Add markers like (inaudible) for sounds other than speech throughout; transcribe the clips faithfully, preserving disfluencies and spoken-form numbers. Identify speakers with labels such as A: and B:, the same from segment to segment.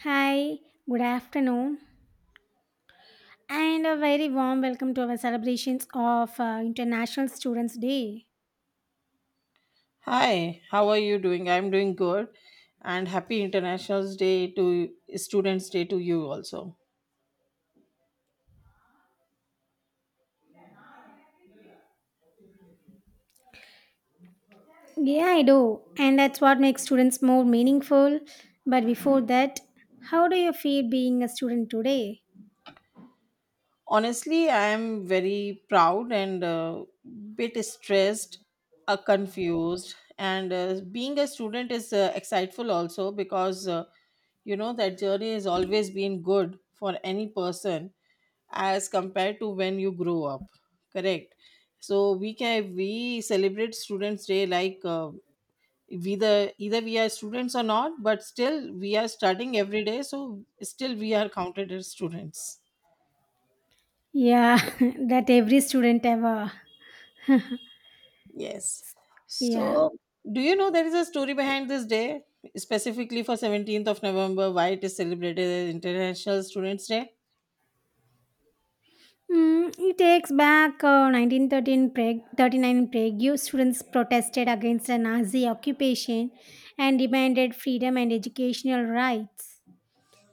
A: Hi, good afternoon, and a very warm welcome to our celebrations of uh, International Students' Day.
B: Hi, how are you doing? I'm doing good and happy International Day to Students Day to you also.
A: Yeah, I do, and that's what makes students more meaningful. But before that, how do you feel being a student today?
B: Honestly, I am very proud and a bit stressed, uh, confused, and uh, being a student is uh, exciteful also because uh, you know that journey has always been good for any person as compared to when you grow up. Correct. So we can we celebrate Students Day like. Uh, whether either we are students or not, but still we are studying every day, so still we are counted as students.
A: Yeah, (laughs) that every student ever.
B: Yes.
A: Yeah.
B: So do you know there is a story behind this day, specifically for seventeenth of November, why it is celebrated as International Students Day?
A: Mm, it takes back uh, nineteen thirteen Prague, thirty-nine in Prague. You students protested against the Nazi occupation and demanded freedom and educational rights.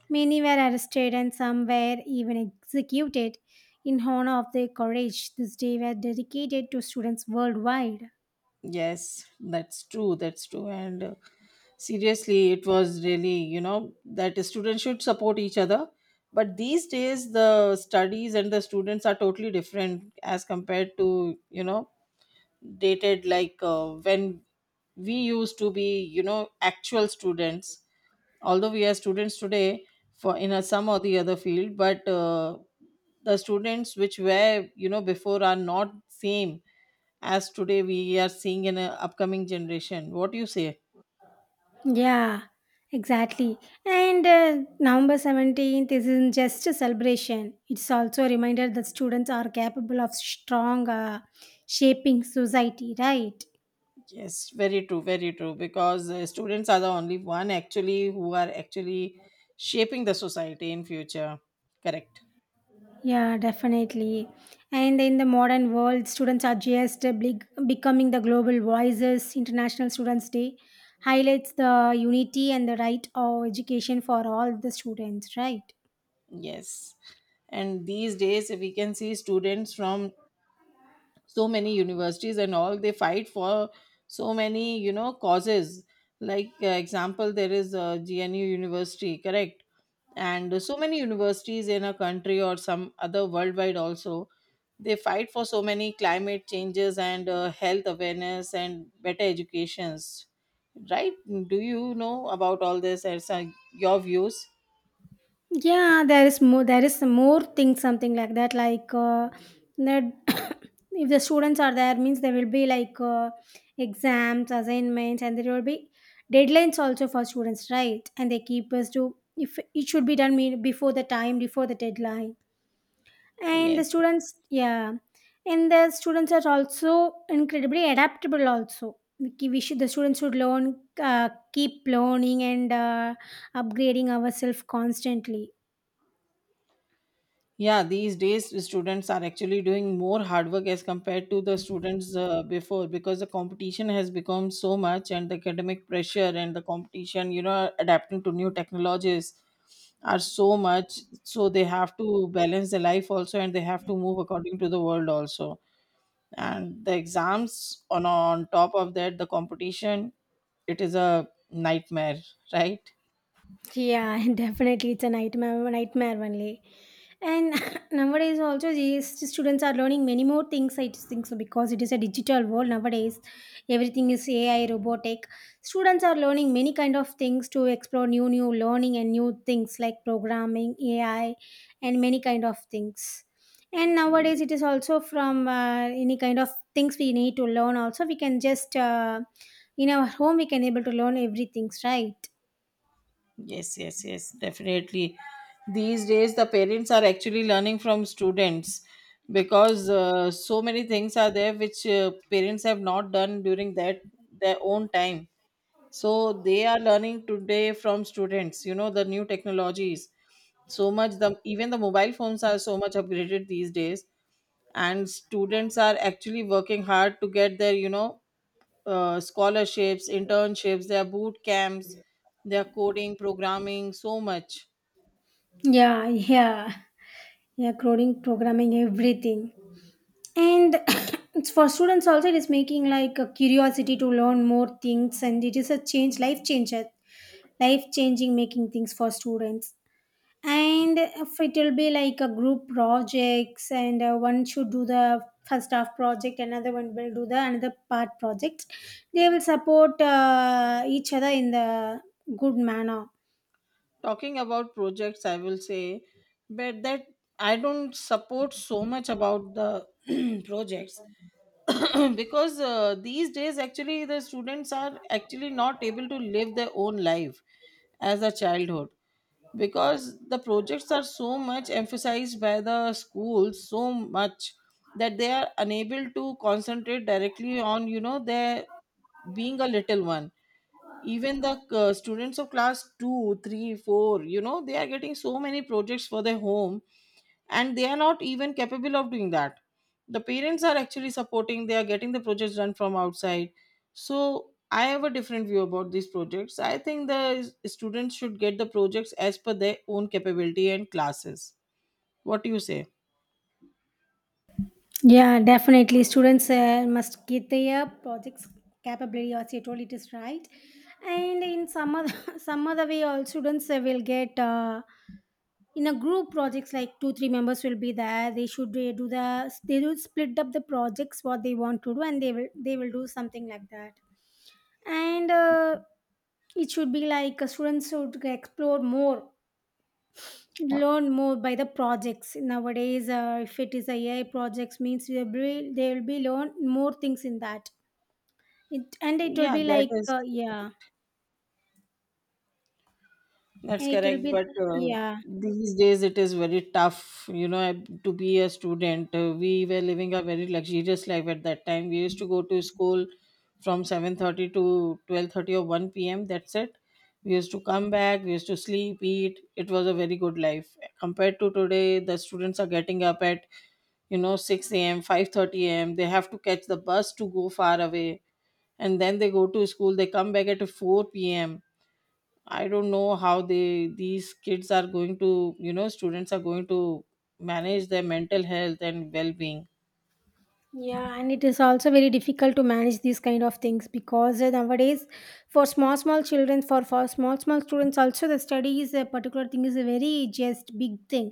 A: Many were arrested and some were even executed in honor of their courage. This day were dedicated to students worldwide.
B: Yes, that's true, that's true and uh, seriously, it was really, you know, that students should support each other, but these days the studies and the students are totally different as compared to, you know, dated like, uh, when we used to be, you know, actual students. Although we are students today for in a some or the other field, but uh, the students which were, you know, before are not same as today we are seeing in an upcoming generation. What do you say?
A: Yeah, exactly. And uh, November seventeenth isn't just a celebration, it's also a reminder that students are capable of strong uh, shaping society, right?
B: Yes, very true, very true because uh, students are the only one actually who are actually shaping the society in future. Correct.
A: Yeah, definitely. And in the modern world, students are just uh, big, becoming the global voices. International Students' Day highlights the unity and the right of education for all the students, right?
B: Yes. And these days, we can see students from so many universities and all, they fight for so many, you know, causes. Like, uh, example, there is a G N U University, correct? And so many universities in a country or some other worldwide also, they fight for so many climate changes and uh, health awareness and better educations, right? Do you know about all this? And some- your views?
A: Yeah, there is more. There is more things, something like that. Like uh, that, (coughs) if the students are there, means there will be like uh, exams, assignments, and there will be deadlines also for students, right? And they keep us to if it should be done mean- before the time, before the deadline and the
B: Yes.
A: students yeah and the students are also incredibly adaptable also we ki- we should the students should learn uh, keep learning and uh, upgrading ourselves constantly
B: Yeah, these days the students are actually doing more hard work as compared to the students uh, before, because the competition has become so much, and the academic pressure and the competition, you know, adapting to new technologies are so much. So they have to balance their life also, and they have to move according to the world also. And the exams on on top of that, the competition, it is a nightmare, right?
A: yeah (laughs) definitely it's a nightmare nightmare only. And (laughs) nowadays also these students are learning many more things I just think so because it is a digital world nowadays everything is A I robotic students are learning many kind of things to explore new new learning and new things like programming A I and many kind of things and nowadays it is also from uh, any kind of things we need to learn also we can just uh, in our home we can able to learn everything right
B: Yes, yes, yes, definitely. These days, the parents are actually learning from students because uh, so many things are there which uh, parents have not done during that their own time. So they are learning today from students. You know, the new technologies so much. The even the mobile phones are so much upgraded these days, and students are actually working hard to get their, you know, uh, scholarships, internships, their boot camps, their coding, programming, so much.
A: yeah yeah yeah coding programming everything and (coughs) it's for students also it is making like a curiosity to learn more things and it is a change life changer life changing making things for students and if it will be like a group projects and uh, one should do the first half project another one will do the another part project they will support uh, each other in the good manner.
B: Talking about projects, I will say, but that I don't support so much about the (clears throat) projects (clears throat) because uh, these days actually the students are actually not able to live their own life as a childhood, because the projects are so much emphasized by the schools so much that they are unable to concentrate directly on, you know, their being a little one. Even the uh, students of class two, three, four, you know, they are getting so many projects for their home, and they are not even capable of doing that. The parents are actually supporting, they are getting the projects done from outside. So I have a different view about these projects. I think the s- students should get the projects as per their own capability and classes. What do you say?
A: Yeah, definitely. Students uh, must get their projects capability as you told it is right. And in some other (laughs) some other way, all students uh, will get uh, in a group projects like two three members will be there. They should uh, do the they will split up the projects what they want to do, and they will they will do something like that. And uh, it should be like uh, students should explore more
B: Uh,
A: learn more by the projects nowadays uh, if it is a ai projects means they will be, they will be learn more things in that it, and it will
B: yeah
A: be
B: that
A: like
B: is
A: uh, yeah and
B: That's
A: it will
B: correct,
A: be
B: but uh,
A: yeah
B: these days it is very tough, you know, to be a student. Uh, we were living a very luxurious life at that time. We used to go to school from seven thirty to twelve thirty or one p m. That's it. We used to come back, we used to sleep, eat. It was a very good life. Compared to today, the students are getting up at, you know, six a m, five thirty a m. They have to catch the bus to go far away, and then they go to school, they come back at four p.m. I don't know how they, these kids are going to, you know, students are going to manage their mental health and well-being.
A: yeah and it is also very difficult to manage these kind of things because uh, nowadays for small small children for for small small students also the study is a particular thing is a very just big thing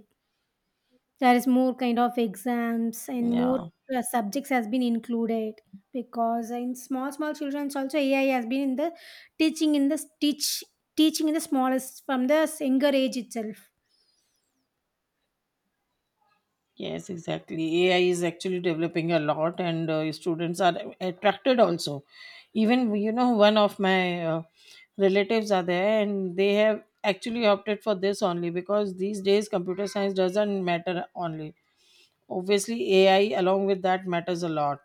A: there is more kind of exams and more
B: Yeah.
A: uh, subjects has been included because in small small children's also ai has been in the teaching in the teach teaching in the smallest from the younger age itself.
B: Yes, exactly. A I is actually developing a lot, and uh, students are attracted also. Even, you know, one of my uh, relatives are there, and they have actually opted for this only because these days computer science doesn't matter only. Obviously, A I along with that matters a lot.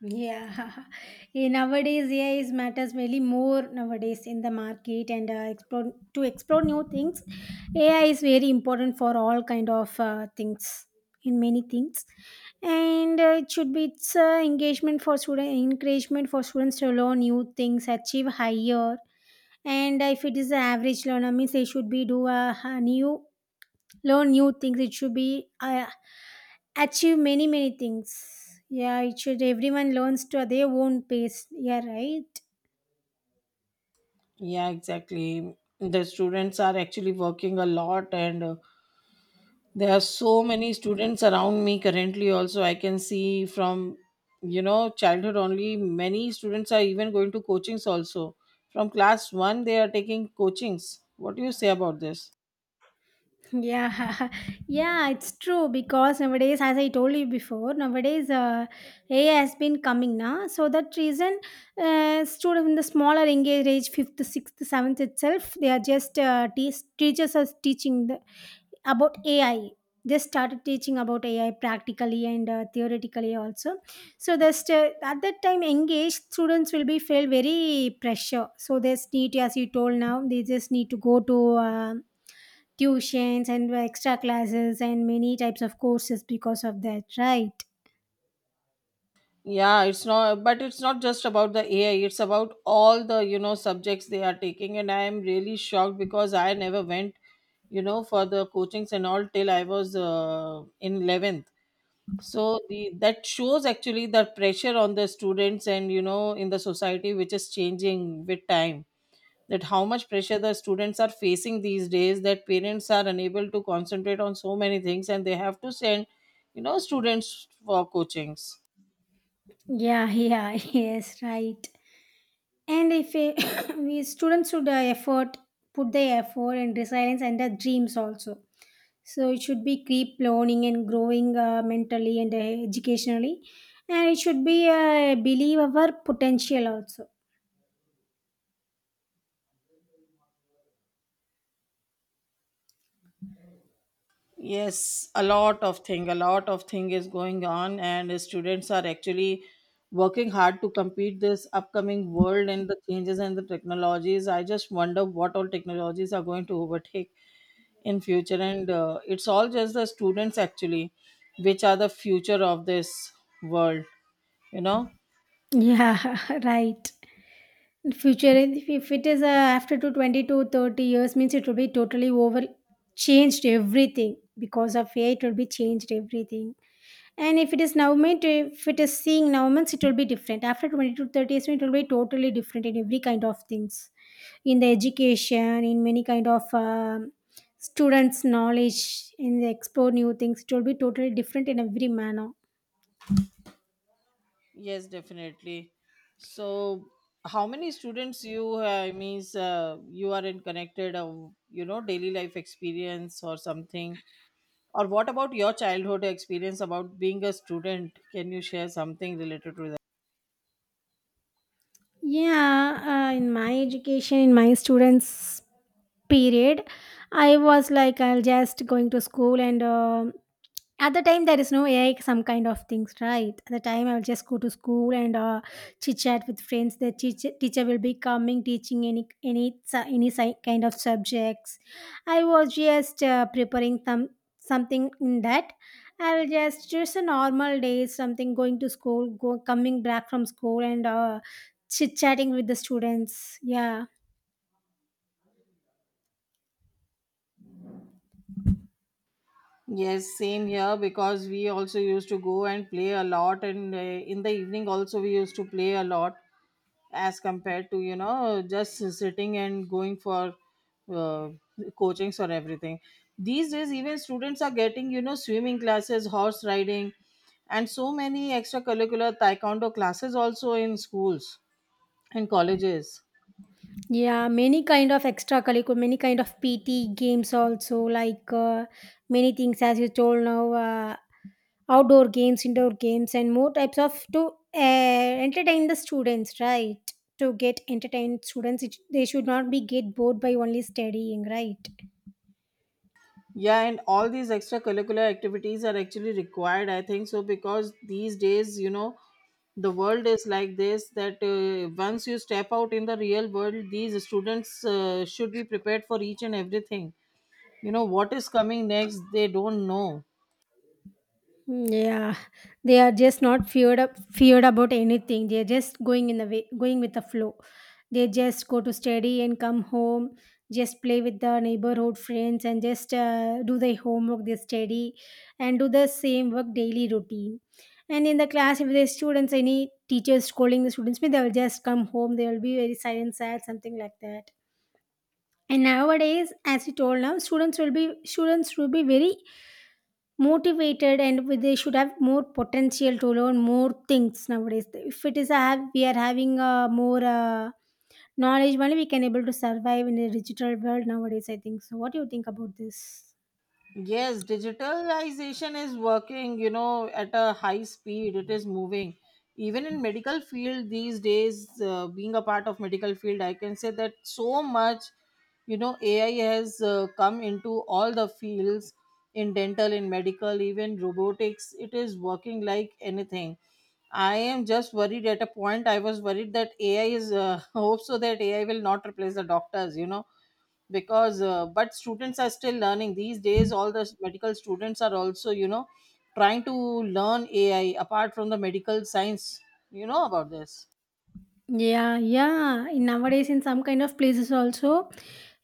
A: Yeah, (laughs) Eh, nowadays A I is matters really more nowadays in the market and uh, explore to explore new things. A I is very important for all kind of uh, things in many things, and uh, it should be it's uh, engagement for student encouragement for students to learn new things, achieve higher. And if it is an average learner, means they should be do a, a new learn new things it should be uh, achieve many many things yeah it should everyone learns to their own pace yeah right
B: Yeah, exactly. The students are actually working a lot, and uh, there are so many students around me currently. Also, I can see from, you know, childhood only many students are even going to coachings also. From class one, they are taking coachings. What do you say about this?
A: yeah (laughs) yeah it's true because nowadays as I told you before nowadays uh, ai has been coming now so that reason uh, students in the smaller engaged age fifth sixth seventh itself they are just uh, te- teachers are teaching the. About A I. They started teaching about A I practically and uh, theoretically also. So just uh, at that time, engaged students will be feel very pressure. So they just need, as you told now, they just need to go to uh, tuitions and extra classes and many types of courses because of that, right?
B: Yeah, it's not, but it's not just about the A I. It's about all the, you know, subjects they are taking, and I am really shocked because I never went, you know, for the coachings and all till I was uh, in eleventh. So the that shows actually the pressure on the students, and, you know, in the society which is changing with time, that how much pressure the students are facing these days, that parents are unable to concentrate on so many things, and they have to send, you know, students for coachings.
A: Yeah, yeah, (laughs) yes, right. And if a, (coughs) we students should uh, effort, put their effort and resilience and their dreams also. So it should be keep learning and growing uh, mentally and uh, educationally, and it should be uh, believe our potential also.
B: Yes, a lot of thing a lot of thing is going on, and students are actually working hard to compete this upcoming world and the changes and the technologies. I just wonder what all technologies are going to overtake in future, and uh, it's all just the students actually which are the future of this world, you know.
A: Yeah, (laughs) right. Future, if if it is uh, after to twenty to thirty years, means it will be totally over changed everything because of A I, it will be changed everything. And if it is Navamit, if it is seeing Navamits, it will be different. After twenty to thirty years, it will be totally different in every kind of things. In the education, in many kind of um, students' knowledge, in the explore new things, it will be totally different in every manner.
B: Yes, definitely. So how many students you uh, means uh, you are in connected uh, you know, daily life experience or something, or what about your childhood experience about being a student? Can you share something related to that?
A: Yeah, uh, in my education, in my students' period, I was like, I'll just going to school and um. At the time, there is no A I, some kind of things, right? At the time, I will just go to school and uh, chit chat with friends. The teacher, teacher will be coming, teaching any any su- any si- kind of subjects. I was just uh, preparing some something in that. I will just just a normal day, something going to school, go coming back from school and uh, chit chatting with the students. Yeah.
B: Yes, same here, because we also used to go and play a lot, and uh, in the evening also we used to play a lot, as compared to, you know, just sitting and going for uh, coachings or everything. These days even students are getting, you know, swimming classes, horse riding, and so many extracurricular, taekwondo classes also in schools and colleges.
A: Yeah, many kind of extra curriculum, many kind of P T games also, like uh, many things as you told now, uh, outdoor games, indoor games, and more types of to uh, entertain the students, right? To get entertained students, it, they should not be get bored by only studying, right?
B: Yeah, and all these extracurricular activities are actually required, I think so, because these days, you know, the world is like this, that uh, once you step out in the real world, these students uh, should be prepared for each and everything. You know what is coming next, they don't know.
A: Yeah, they are just not feared up, feared about anything. They are just going in the way, going with the flow. They just go to study and come home, just play with the neighborhood friends and just uh, do their homework, they study, and do the same work daily routine. And in the class, if there's students, any teachers scolding the students, they will just come home. They will be very silent, sad, something like that. And nowadays, as you told now, students will be students will be very motivated and they should have more potential to learn more things nowadays if it is a have we are having a more uh, knowledge only we can able to survive in a digital world nowadays I think so what do you think about this
B: Yes, digitalization is working, you know, at a high speed. It is moving even in medical field these days. Uh, being a part of medical field, I can say that so much, you know, AI has uh, come into all the fields, in dental, in medical, even robotics. It is working like anything. I am just worried at a point. I was worried that A I is uh, (laughs) hope so that A I will not replace the doctors. You know, because uh, but students are still learning these days. All the medical students are also, you know, trying to learn AI apart from the medical science. You know about this?
A: yeah yeah in nowadays in some kind of places also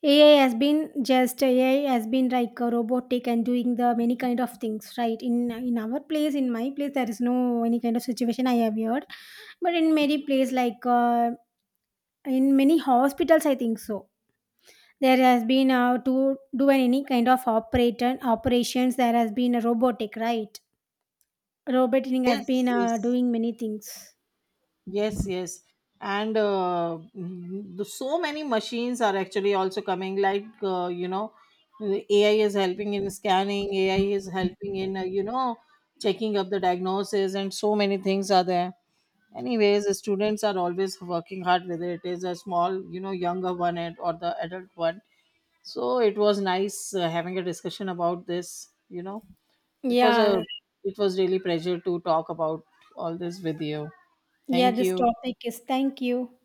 A: ai has been just ai has been like a robotic and doing the many kind of things right in in our place in my place there is no any kind of situation I have heard but in many place like uh, In many hospitals, I think so. There has been uh, to do any kind of operator operations. There has been a robotic, right? Roboting has
B: Yes,
A: been uh,
B: yes,
A: doing many things.
B: yes, yes, and uh, mm, the, so many machines are actually also coming, like, uh, you know, AI is helping in scanning, AI is helping in, uh, you know, checking up the diagnosis, and so many things are there. Anyways, the students are always working hard, whether it is a small, you know, younger one and or the adult one. So it was nice, uh, having a discussion about this, you know. It was a,
A: Yeah,
B: it was really pleasure to talk about all this with you.
A: yeah.
B: Thank
A: This
B: you.
A: topic is. Thank you.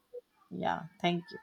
B: Yeah, thank you.